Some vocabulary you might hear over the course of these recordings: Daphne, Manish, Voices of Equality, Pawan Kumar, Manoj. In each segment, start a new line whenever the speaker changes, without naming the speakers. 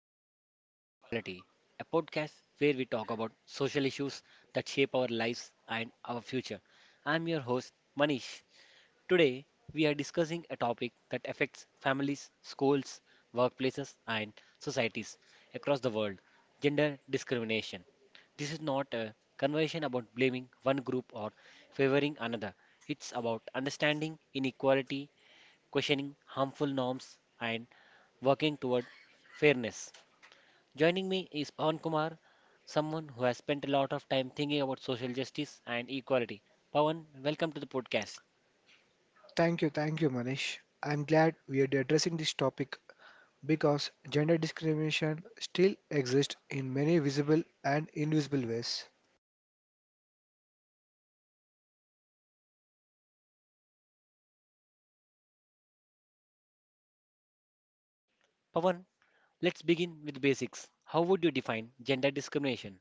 to the Voices of Equality, a podcast where we talk about social issues that shape our lives and our future. I'm your host, Manish. Today, we are discussing a topic that affects families, schools, workplaces, and societies across the world gender discrimination. This is not a conversation about blaming one group or favoring another. It's about understanding inequality questioning harmful norms, and working toward fairness. Joining me is Pawan Kumar, someone who has spent a lot of time thinking about social justice and equality. Pawan, welcome to the podcast.
Thank you, Manish. I'm glad we are addressing this topic because gender discrimination still exists in many visible and invisible ways.
Pawan, let's begin with basics. How would you define gender discrimination?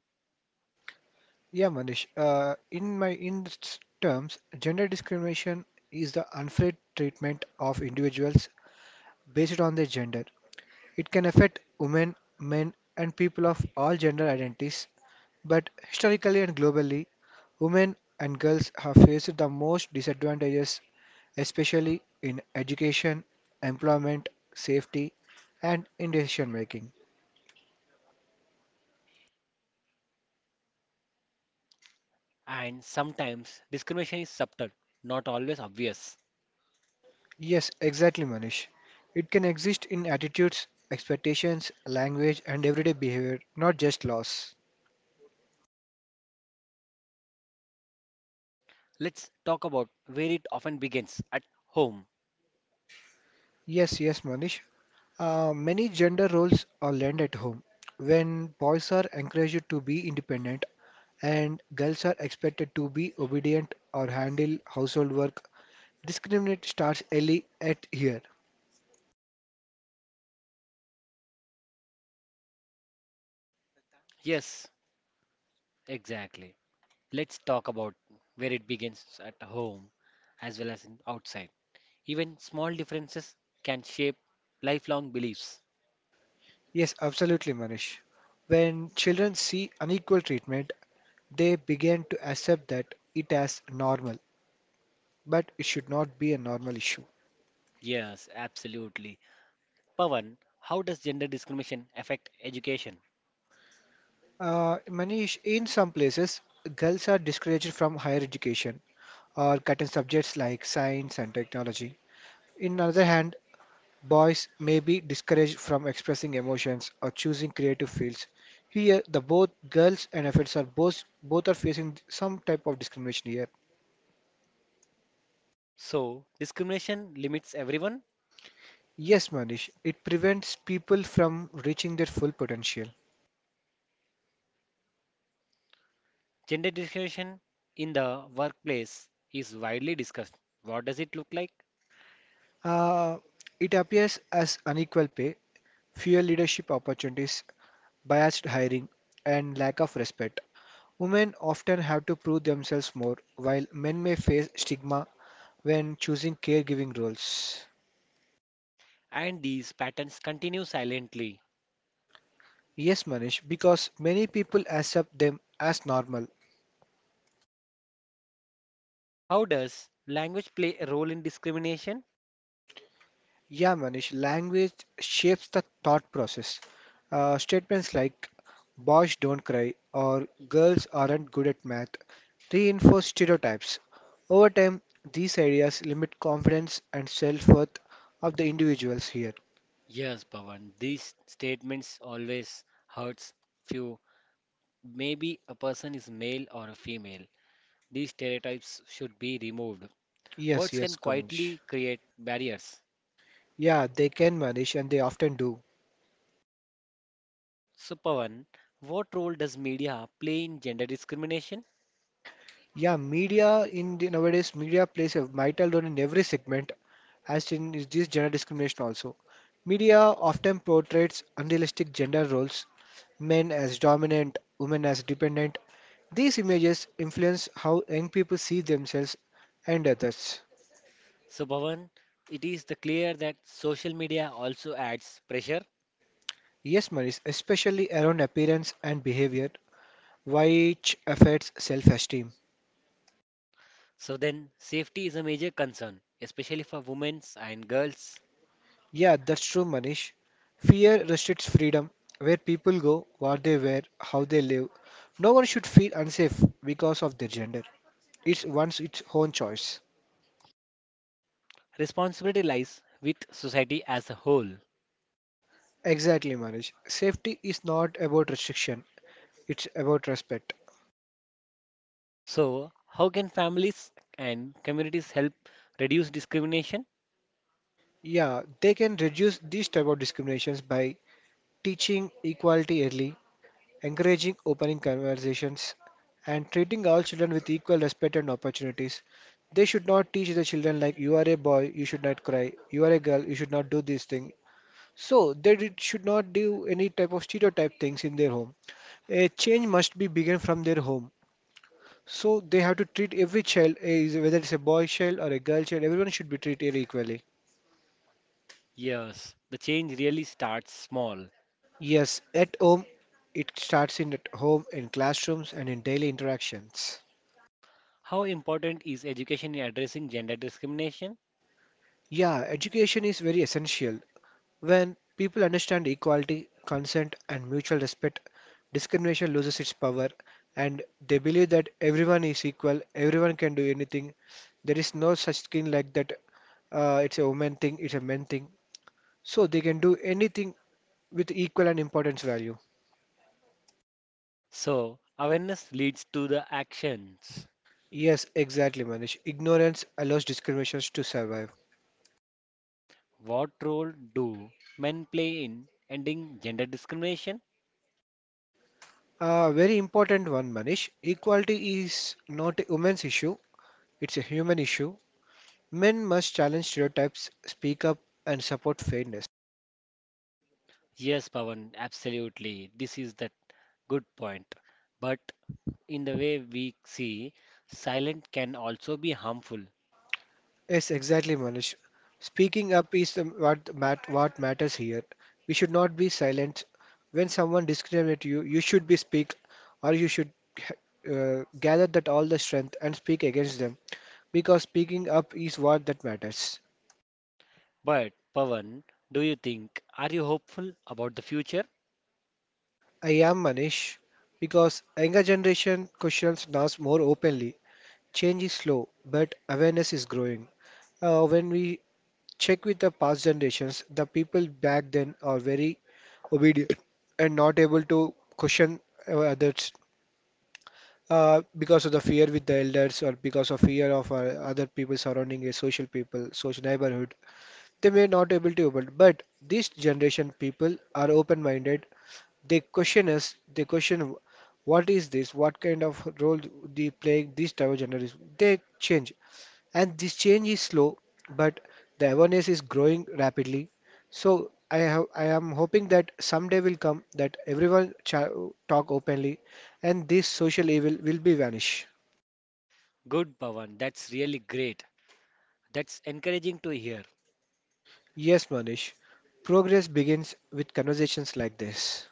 Yeah, Manish. In my terms, gender discrimination is the unfair treatment of individuals based on their gender. It can affect women, men, and people of all gender identities. But historically and globally, women and girls have faced the most disadvantages, especially in education, employment, safety, and in decision making.
And sometimes discrimination is subtle, not always obvious.
Yes, exactly, Manish. It can exist in attitudes, expectations, language, and everyday behavior, not just laws.
Let's talk about where it often begins at home.
Yes, yes, Manish. Many gender roles are learned at home. When boys are encouraged to be independent and girls are expected to be obedient or handle household work, discriminate starts early at here.
Yes, exactly. Let's talk about where it begins at home as well as in outside. Even small differences can shape lifelong beliefs.
Yes, absolutely, Manish. When children see unequal treatment, they begin to accept that it as normal, but it should not be a normal issue.
Yes, absolutely. Pavan, how does gender discrimination affect education?
Manish, in some places, girls are discouraged from higher education or cut in subjects like science and technology. In other hand, boys may be discouraged from expressing emotions or choosing creative fields. Here, the both girls and efforts are both are facing some type of discrimination here.
So, discrimination limits everyone.
Yes, Manish, it prevents people from reaching their full potential.
Gender discrimination in the workplace is widely discussed. What does it look like?
Uh, it appears as unequal pay, fewer leadership opportunities, biased hiring, and lack of respect. Women often have to prove themselves more, while men may face stigma when choosing caregiving roles.
And these patterns continue silently.
Yes, Manish, because many people accept them as normal.
How does language play a role in discrimination?
Yeah, Manish, language shapes the thought process. Statements like boys don't cry or girls aren't good at math reinforce stereotypes. Over time, these ideas limit confidence and self-worth of the individuals here.
Yes, Pawan, these statements always hurts few. Maybe a person is male or a female. These stereotypes should be removed.
Yes,
Words
yes,
can
Kunj.
quietly create barriers.
Yeah, they can, Manish, and they often do.
So, Pawan, what role does media play in gender discrimination?
Nowadays media plays a vital role in every segment, as in is this gender discrimination also. Media often portrays unrealistic gender roles, men as dominant, women as dependent. These images influence how young people see themselves and others.
So, Pawan, it is the clear that social media also adds pressure.
Yes, Manish, especially around appearance and behavior, which affects self esteem.
So then, safety is a major concern, especially for women and girls.
Yeah, that's true, Manish. Fear restricts freedom, where people go, what they wear, how they live. No one should feel unsafe because of their gender. It's one's its own choice.
Responsibility lies with society as a whole.
Exactly, Manish. Safety is not about restriction, it's about respect.
So, how can families and communities help reduce discrimination?
Yeah, they can reduce these type of discriminations by teaching equality early, encouraging opening conversations, and treating all children with equal respect and opportunities. They should not teach the children like you are a boy, you should not cry, you are a girl, you should not do this thing. So they should not do any type of stereotype things in their home. A change must be begun from their home. So they have to treat every child, whether it's a boy child or a girl child, everyone should be treated equally.
Yes, the change really starts small.
Yes, at home, it starts in at home, in classrooms, and in daily interactions.
How important is education in addressing gender discrimination?
Yeah, education is very essential. When people understand equality, consent, and mutual respect, discrimination loses its power, and they believe that everyone is equal, everyone can do anything. There is no such thing like that. It's a woman thing, it's a man thing. So they can do anything with equal and importance value.
So, awareness leads to the actions.
Yes, exactly, Manish. Ignorance allows discriminations to survive.
What role do men play in ending gender discrimination?
A very important one, Manish. Equality is not a women's issue, it's a human issue. Men must challenge stereotypes, speak up, and support fairness.
Yes, Pawan, absolutely. This is the good point. But in the way we see, silent can also be harmful.
Yes, exactly, Manish. Speaking up is what matters here. We should not be silent. When someone discriminates you, you should be speak, or you should gather that all the strength and speak against them. Because speaking up is what that matters.
But Pawan, do you think, are you hopeful about the future?
I am Manish because younger generation questions now more openly. Change is slow, but awareness is growing. When we check with the past generations, the people back then are very obedient and not able to question others because of the fear with the elders or because of fear of other people surrounding a social people, social neighborhood. They may not able to open, but this generation people are open-minded, they question us. They question what is this? What kind of role they playing this type of journalism? They change, and this change is slow, but the awareness is growing rapidly. So I am hoping that someday will come that everyone cha talk openly, and this social evil will be vanish.
Good, Pawan, that's really great. That's encouraging to hear.
Yes, Manish. Progress begins with conversations like this.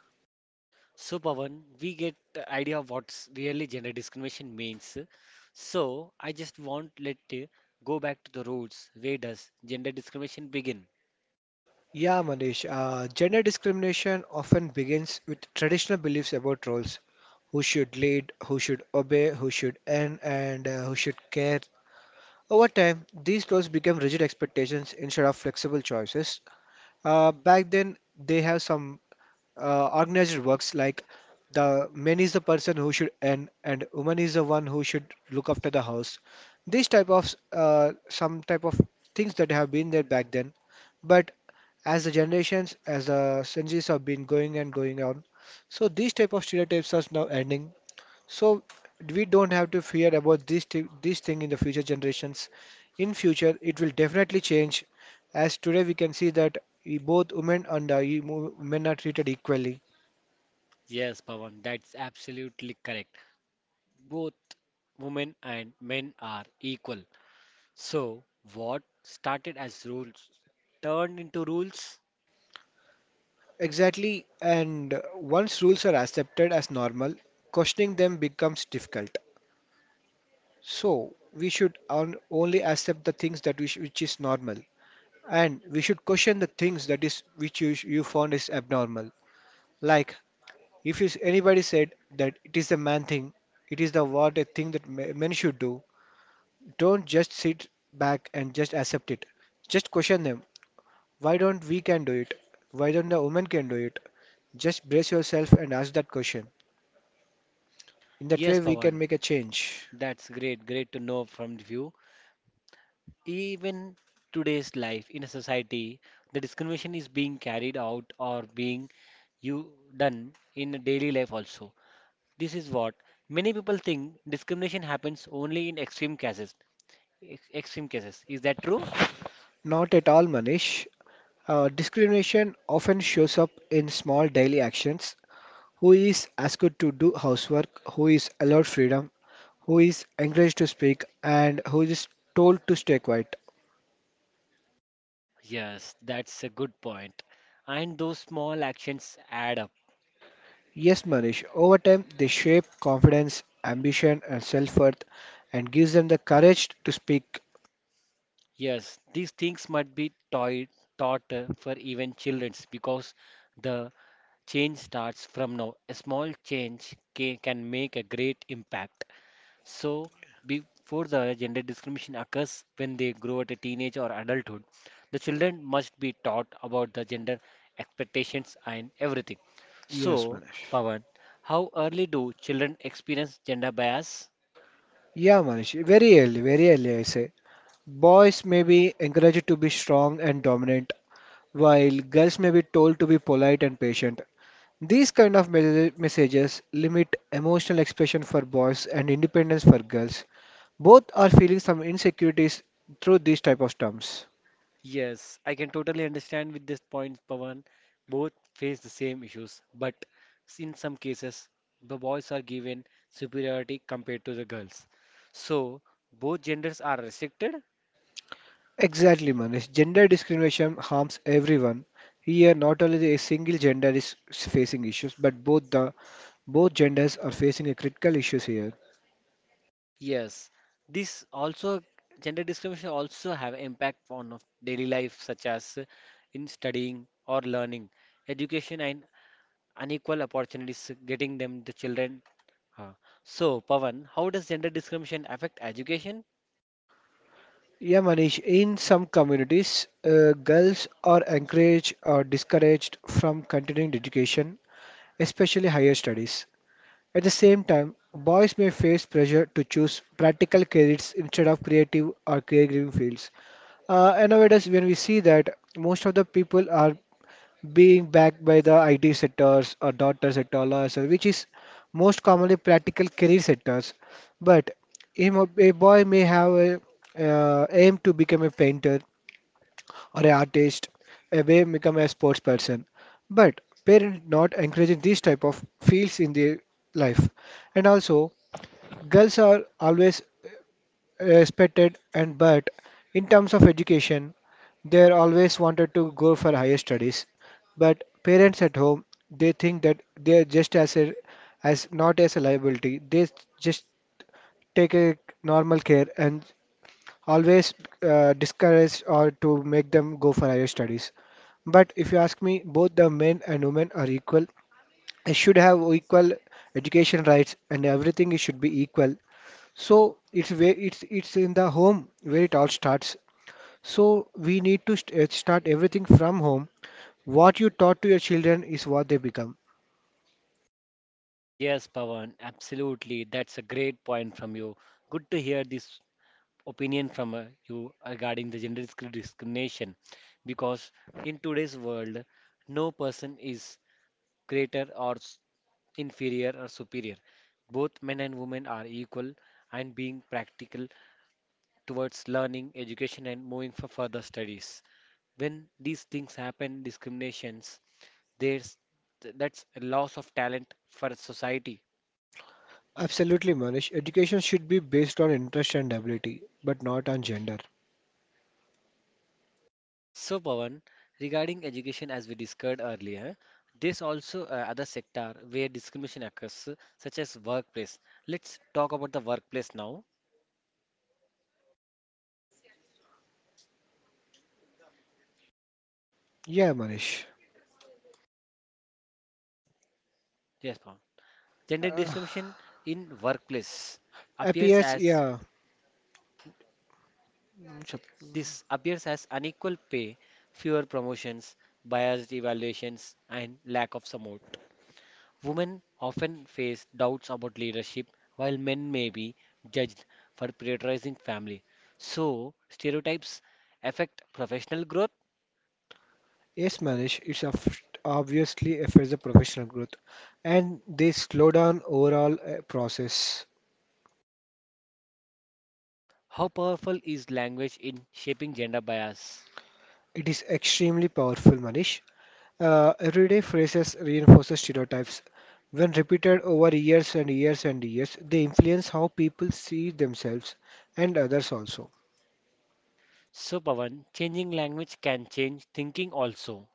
So, Pawan, we get the idea of what's really gender discrimination means. So, I just want let go back to the roots. Where does gender discrimination begin?
Yeah, Manish. Gender discrimination often begins with traditional beliefs about roles. Who should lead, who should obey, who should earn, and who should care. Over time, these roles become rigid expectations instead of flexible choices. Back then, they have some organized works like the man is the person who should earn, and woman is the one who should look after the house. These type of some type of things that have been there back then, but as the generations, as the centuries have been going and going on, so these type of stereotypes are now ending, so we don't have to fear about this thing in the future generations. In future, it will definitely change, as today we can see that both women and men are treated equally.
Yes, Pawan, that's absolutely correct. Both women and men are equal. So, what started as rules turned into rules?
Exactly, and once rules are accepted as normal, questioning them becomes difficult. So we should only accept the things that which is normal, and we should question the things that is which you found is abnormal. Like, If is- anybody said that it is the man thing, it is the what a thing that men should do. Don't just sit back and just accept it. Just question them. Why don't we can do it? Why don't the woman can do it? Just brace yourself and ask that question. In that
Yes,
way, we can
Pawan,
make a change.
that's great, great to know from you. Even today's life in a society, the discrimination is being carried out or being you done in a daily life also. This is what many people think discrimination happens only in extreme cases. Ex Extreme cases. Is that true?
Not at all, Manish. Discrimination often shows up in small daily actions. Who is asked to do housework? Who is allowed freedom? Who is encouraged to speak? And who is told to stay quiet?
Yes, that's a good point. And those small actions add up.
Yes, Manish, over time they shape confidence, ambition, and self worth and gives them the courage to speak.
Yes, these things must be taught for even childrens because the change starts from now. A small change can make a great impact. So, before the gender discrimination occurs when they grow at a teenage or adulthood, the children must be taught about the gender expectations and everything.
Yes,
So,
Manish.
Pawan, how early do children experience gender bias?
Yeah, Manish, very early, I say. Boys may be encouraged to be strong and dominant, while girls may be told to be polite and patient. These kind of messages limit emotional expression for boys and independence for girls. Both are feeling some insecurities through these type of terms.
Yes, I can totally understand with this point, Pawan. Both face the same issues, but in some cases, the boys are given superiority compared to the girls. So, both genders are restricted.
Exactly, Manish. Gender discrimination harms everyone. Here, not only a single gender is facing issues, but both genders are facing a critical issues here.
Yes, this also gender discrimination also have impact on of daily life, such as in studying or learning, education, and unequal opportunities, getting them the children. Uh, So Pawan, how does gender discrimination affect education?
Yeah, Manish. In some communities, girls are encouraged or discouraged from continuing education, especially higher studies. At the same time, boys may face pressure to choose practical careers instead of creative or caregiving fields. And nowadays, when we see that most of the people are being backed by the IT sectors or data sector, law sector, which is most commonly practical career sectors. But him, a boy may have a aim to become a painter or an artist, a may become a sports person. But parents not encouraging these type of fields in their life. And also, girls are always respected and but in terms of education they always wanted to go for higher studies, but parents at home they think that they are just as a, as not as a liability. They just take a normal care and always discourage or to make them go for higher studies. But if you ask me, both the men and women are equal. They should have equal education rights and everything it should be equal. So it's in the home where it all starts. So we need to start everything from home. What you taught to your children is what they become.
Yes, Pawan, absolutely. That's a great point from you. Good to hear this opinion from you regarding the gender discrimination because in today's world, no person is greater or inferior or superior. Both men and women are equal and being practical towards learning, education, and moving for further studies. When these things happen, discriminations, there's that's a loss of talent for society.
Absolutely, Manish. Education should be based on interest and ability, but not on gender.
So, Pawan, regarding education, as we discussed earlier, there's also other sector where discrimination occurs, such as workplace. Let's talk about the workplace now.
Yeah, Manish.
Yes, Pawan. Gender
Uh,
discrimination in workplace appears
Appears,
as
yeah. Sup-
appears as unequal pay, fewer promotions, biased evaluations, and lack of support. Women often face doubts about leadership, while men may be judged for prioritizing family. So, stereotypes affect professional growth.
Yes, Manish. It's of- obviously affects the professional growth, and they slow down overall process.
How powerful is language in shaping gender bias?
It is extremely powerful, Manish. Everyday phrases reinforces stereotypes. When repeated over years and years and years, they influence how people see themselves and others also.
So, Pawan, changing language can change thinking also.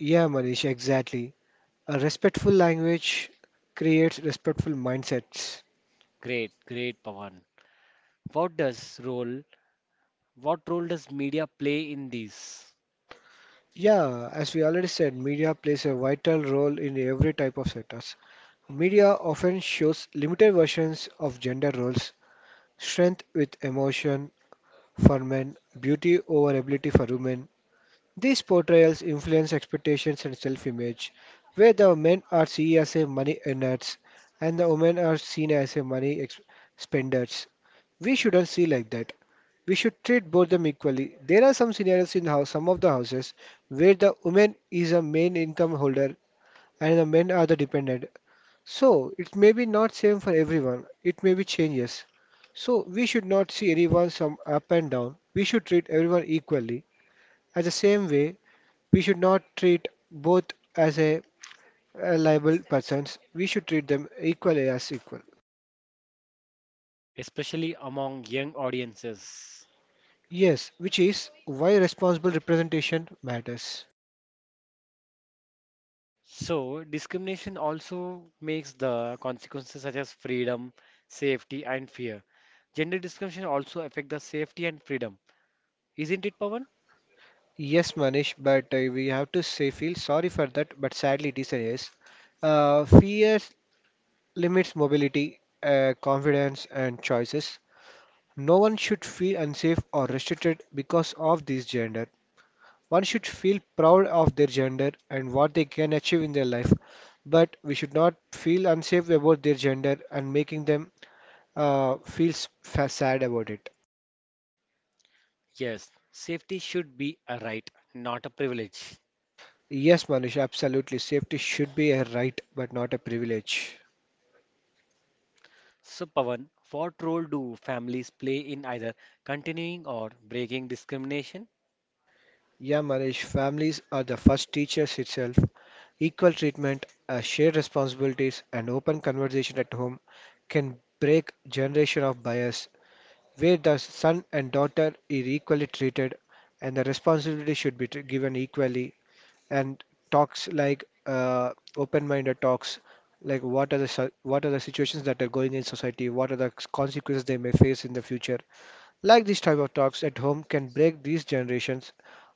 Yeah, Manish, exactly. A respectful language creates respectful mindsets.
Great, great, Pawan. What does role, what role does media play in this,
Yeah, as we already said, media plays a vital role in every type of sectors. Media often shows limited versions of gender roles, strength with emotion for men, beauty over ability for women. These portrayals influence expectations and self image, where the men are seen as a money earners and the women are seen as a spenders. We shouldn't see like that. We should treat both them equally. There are some scenarios in house, some of the houses where the woman is a main income holder and the men are the dependent. So it may be not same for everyone. It may be changes. So we should not see anyone some up and down. We should treat everyone equally. As the same way, we should not treat both as a liable persons. We should treat them equally as equal.
especially among young audiences?
Yes, which is why responsible representation matters.
So, discrimination also makes the consequences such as freedom, safety, and fear. Gender discrimination also affect the safety and freedom. Isn't it, Pawan?
Yes, Manish, but we have to say feel sorry for that, but sadly it is a yes. Fear limits mobility, confidence, and choices. No one should feel unsafe or restricted because of this gender. One should feel proud of their gender and what they can achieve in their life, but we should not feel unsafe about their gender and making them feel sad about it.
Yes, safety should be a right, not a privilege.
Yes, Manish, absolutely. Safety should be a right, but not a privilege.
So, Pawan, what role do families play in either continuing or breaking discrimination?
Yeah, Maresh, families are the first teachers itself. Equal treatment, shared responsibilities, and open conversation at home can break generation of bias, where the son and daughter is equally treated, and the responsibility should be given equally. And talks like open-minded talks, like what are the situations that are going in society, what are the consequences they may face in the future like this type of talks at home can break these generations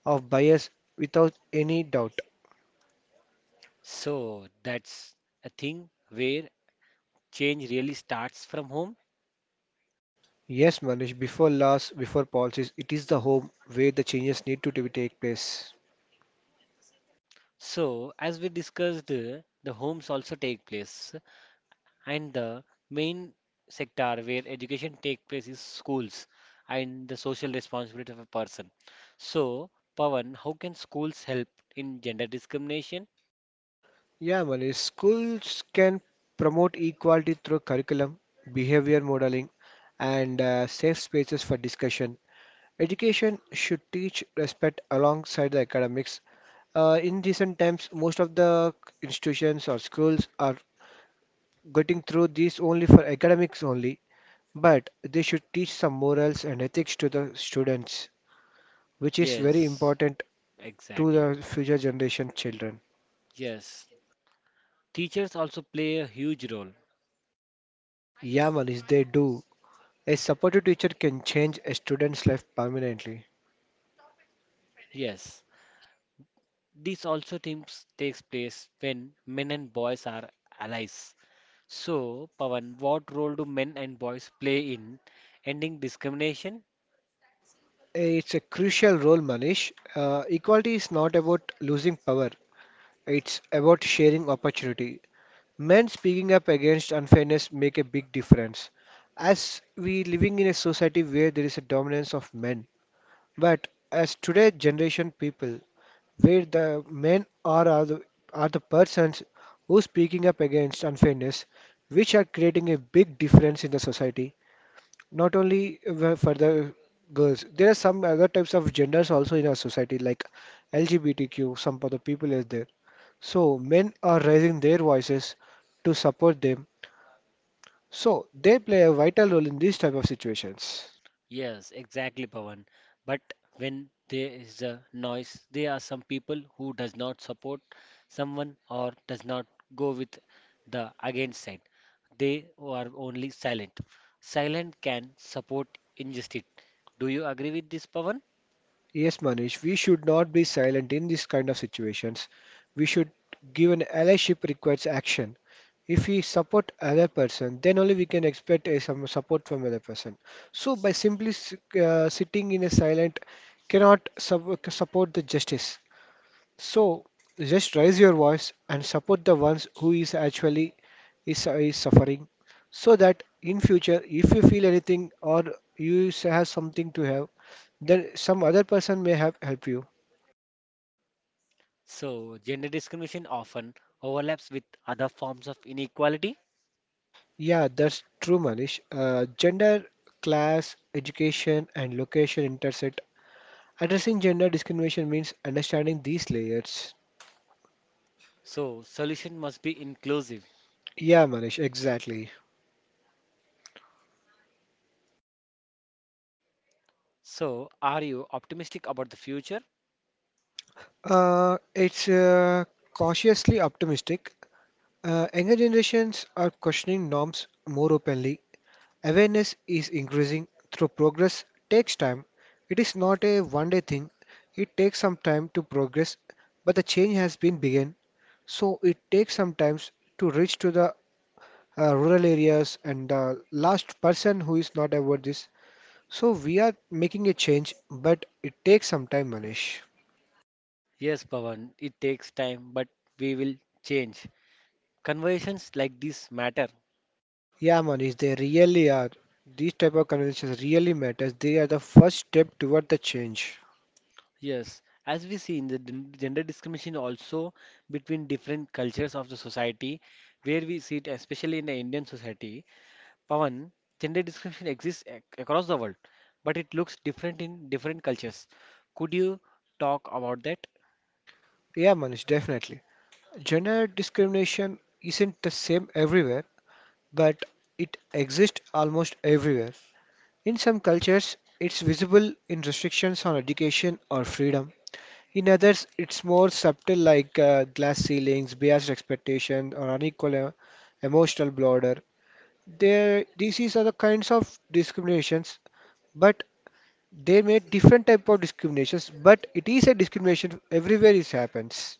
of bias without any doubt.
So, that's a thing where change really starts from home.
Yes, Manish, before laws, before policies, it is the home where the changes need to be take place.
So, as we discussed, the homes also take place, and the main sector where education take place is schools and the social responsibility of a person. So, Pawan, how can schools help in gender discrimination?
Yeah, Manish, schools can promote equality through curriculum, behavior modeling, and safe spaces for discussion. Education should teach respect alongside the academics. In recent times, most of the institutions or schools are getting through this only for academics only, but they should teach some morals and ethics to the students, which is very
Yes,
important to
exactly.
the future generation children.
Yes, teachers also play a huge role.
Yeah, Manish, they do. A supportive teacher can change a student's life permanently.
Yes, this also teams takes place when men and boys are allies. So, Pawan, what role do men and boys play in ending discrimination?
It's a crucial role, Manish. Equality is not about losing power, it's about sharing opportunity. Men speaking up against unfairness make a big difference. As we living in a society where there is a dominance of men, but as today generation people, where the men are the persons who speaking up against unfairness, which are creating a big difference in the society, not only for the girls. There are some other types of genders also in our society, like LGBTQ, some other people is there. So men are raising their voices to support them. So they play a vital role in these type of situations.
Yes, exactly, Pawan. But when there is a noise, there are some people who does not support someone or does not go with the against side. They are only silent. Silent can support injustice. Do you agree with this, Pawan?
Yes, Manish, we should not be silent in this kind of situations. We should give an allyship requires action. If we support other person, then only we can expect a, some support from other person. So by sitting in a silent cannot support the justice. So just raise your voice and support the ones who is actually is suffering so that in future if you feel anything or have something to have then some other person may have help you.
So, gender discrimination often overlaps with other forms of inequality.
Yeah, that's true, Manish. Gender, class, education, and location intersect. Addressing gender discrimination means understanding these layers.
So, solution must be inclusive.
Yeah, Manish, exactly.
So, are you optimistic about the future?
It's cautiously optimistic. Younger generations are questioning norms more openly. Awareness is increasing through progress takes time. It is not a one day thing. It takes some time to progress, but the change has been begun. So it takes some times to reach to the rural areas and the last person who is not aware this. So we are making a change, but it takes some time, Manish.
Yes, Pawan, it takes time, but we will change. Conversations like this matter.
Yeah, Manish, they really are. These type of conversations really matters. They are the first step toward the change.
Yes, as we see in the gender discrimination also between different cultures of the society, where we see it, especially in the Indian society, Pawan, gender discrimination exists across the world, but it looks different in different cultures. Could you talk about that?
Yeah, Manish, definitely. Gender discrimination isn't the same everywhere, but it exists almost everywhere. In some cultures, it's visible in restrictions on education or freedom. In others, it's more subtle, like glass ceilings, biased expectation, or unequal emotional bloater. These are the kinds of discriminations, but they make different type of discriminations. But it is a discrimination everywhere. It happens.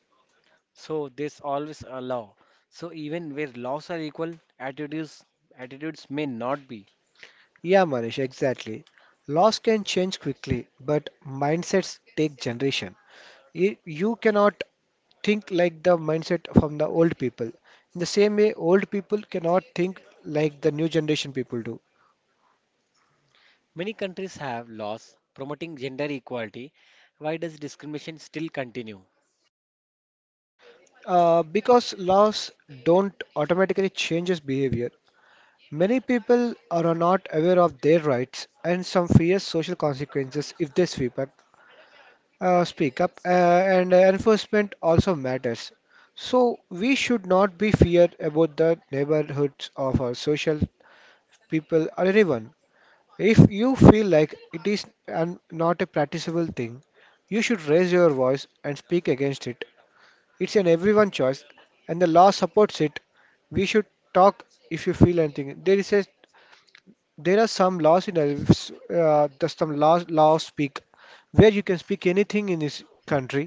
So there's always a law. So even where laws are equal, attitudes attitudes may not be.
Yeah, Manish, exactly. Laws can change quickly, but mindsets take generation. You cannot think like the mindset from the old people. In the same way, old people cannot think like the new generation people do.
Many countries have laws promoting gender equality. Why does discrimination still continue?
Because laws don't automatically change behavior. Many people are not aware of their rights and some fear social consequences if they sweep up, speak up, and enforcement also matters. So we should not be feared about the neighborhoods of our social people or anyone. If you feel like it is not a practicable thing, you should raise your voice and speak against it, it's an everyone choice, and the law supports it. We should talk if you feel anything. There is a there are some there's some laws speak where you can speak anything in this country,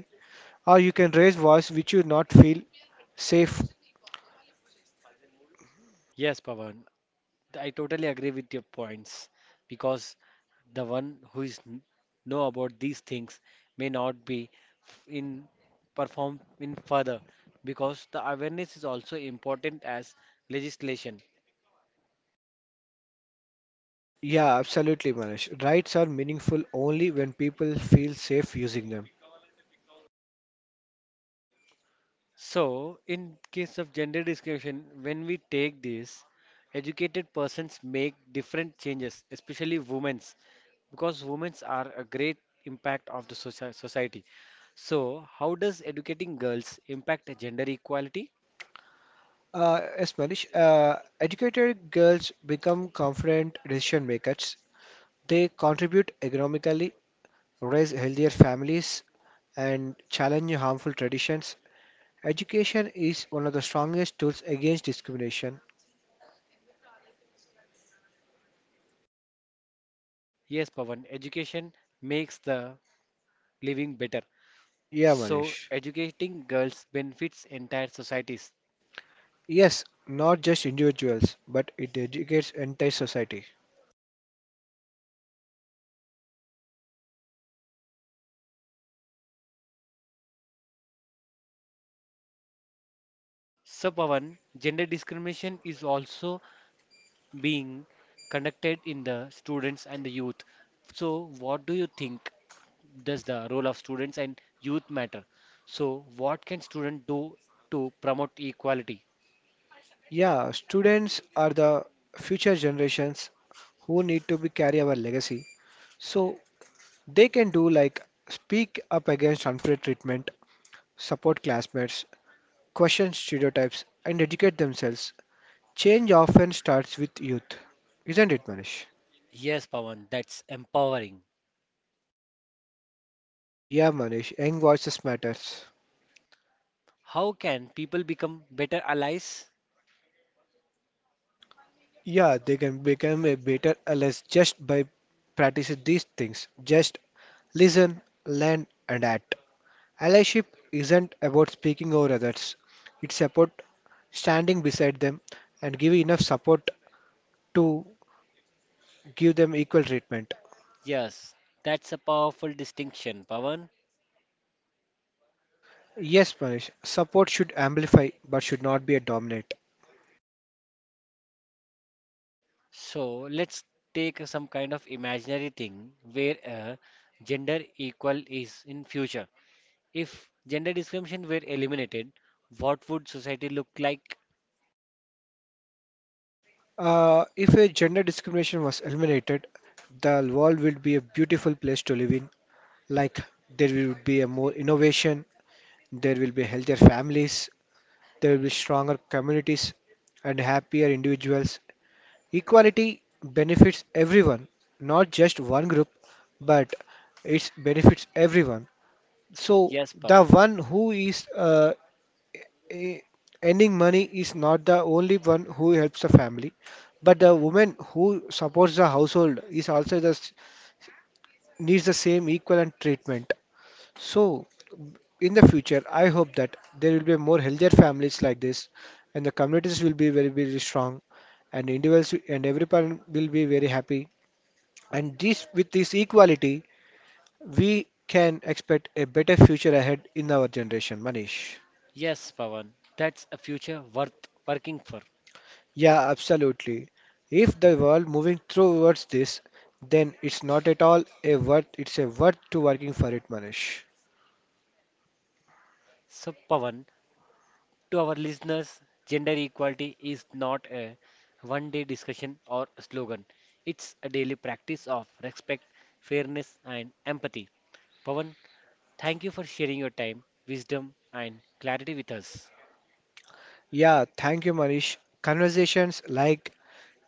or you can raise voice which you not feel safe.
Yes, Pawan, I totally agree with your points because the one who is know about these things may not be in perform in further because the awareness is also important as legislation.
Yeah, absolutely, Manish. Rights are meaningful only when people feel safe using them.
So, in case of gender discrimination, when we take this, educated persons make different changes, especially women because women are a great impact of the society. So, how does educating girls impact gender equality?
Yes, Manish. Educated girls become confident decision makers. They contribute economically raise healthier families, and challenge harmful traditions. Education is one of the strongest tools against discrimination.
Yes, Pawan, education makes the living better.
Yeah,
So,
Manish.
educating girls benefits entire societies.
Yes, not just individuals, but it educates entire society.
So, Pawan, gender discrimination is also being conducted in the students and the youth. So, what do you think does the role of students and youth matter? So, what can students do to promote equality?
Yeah, students are the future generations who need to be carry our legacy. So they can do like speak up against unfair treatment, support classmates, question stereotypes, and educate themselves. Change often starts with youth, isn't it, Manish?
Yes, Pawan, that's empowering.
Yeah, Manish, young voices matters.
How can people become better allies?
Yeah, they can become a better allies just by practicing these things. Just listen, learn, and act. Allyship isn't about speaking over others. It's about standing beside them and giving enough support to give them equal treatment.
Yes, that's a powerful distinction, Pawan.
Yes, Manish, support should amplify but should not be a dominate.
So let's take some kind of imaginary thing where gender equal is in future. If gender discrimination were eliminated, what would society look like?
If a gender discrimination was eliminated, the world would be a beautiful place to live in. Like there will be a more innovation, there will be healthier families, there will be stronger communities and happier individuals. Equality benefits everyone, not just one group, but it benefits everyone. So
Yes,
the
Pawan.
one who is eh, earning money is not the only one who helps the family, but the woman who supports the household is needs the same equal and treatment. So, in the future, I hope that there will be more healthier families like this, and the communities will be very, very strong, and individuals and every parent will be very happy. And this, with this equality, we can expect a better future ahead in our generation, Manish.
Yes, Pawan. That's a future worth working for.
Yeah, absolutely. If the world moving towards this, then it's not at all a worth, it's a worth to working for it, Manish.
So, Pawan, to our listeners, gender equality is not a one day discussion or slogan. It's a daily practice of respect, fairness, and empathy. Pawan, thank you for sharing your time, wisdom, and clarity with us.
Yeah, thank you, Manish. Conversations like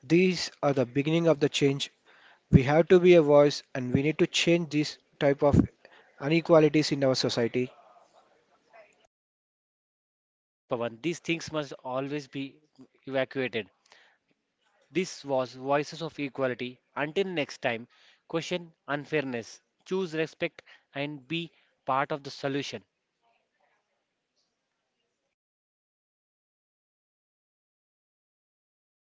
these are the beginning of the change. We have to be a voice and we need to change this type of inequalities in our society.
Yes, Pawan, these things must always be evacuated. This was Voices of Equality. Until next time, question unfairness, choose respect, and be part of the solution.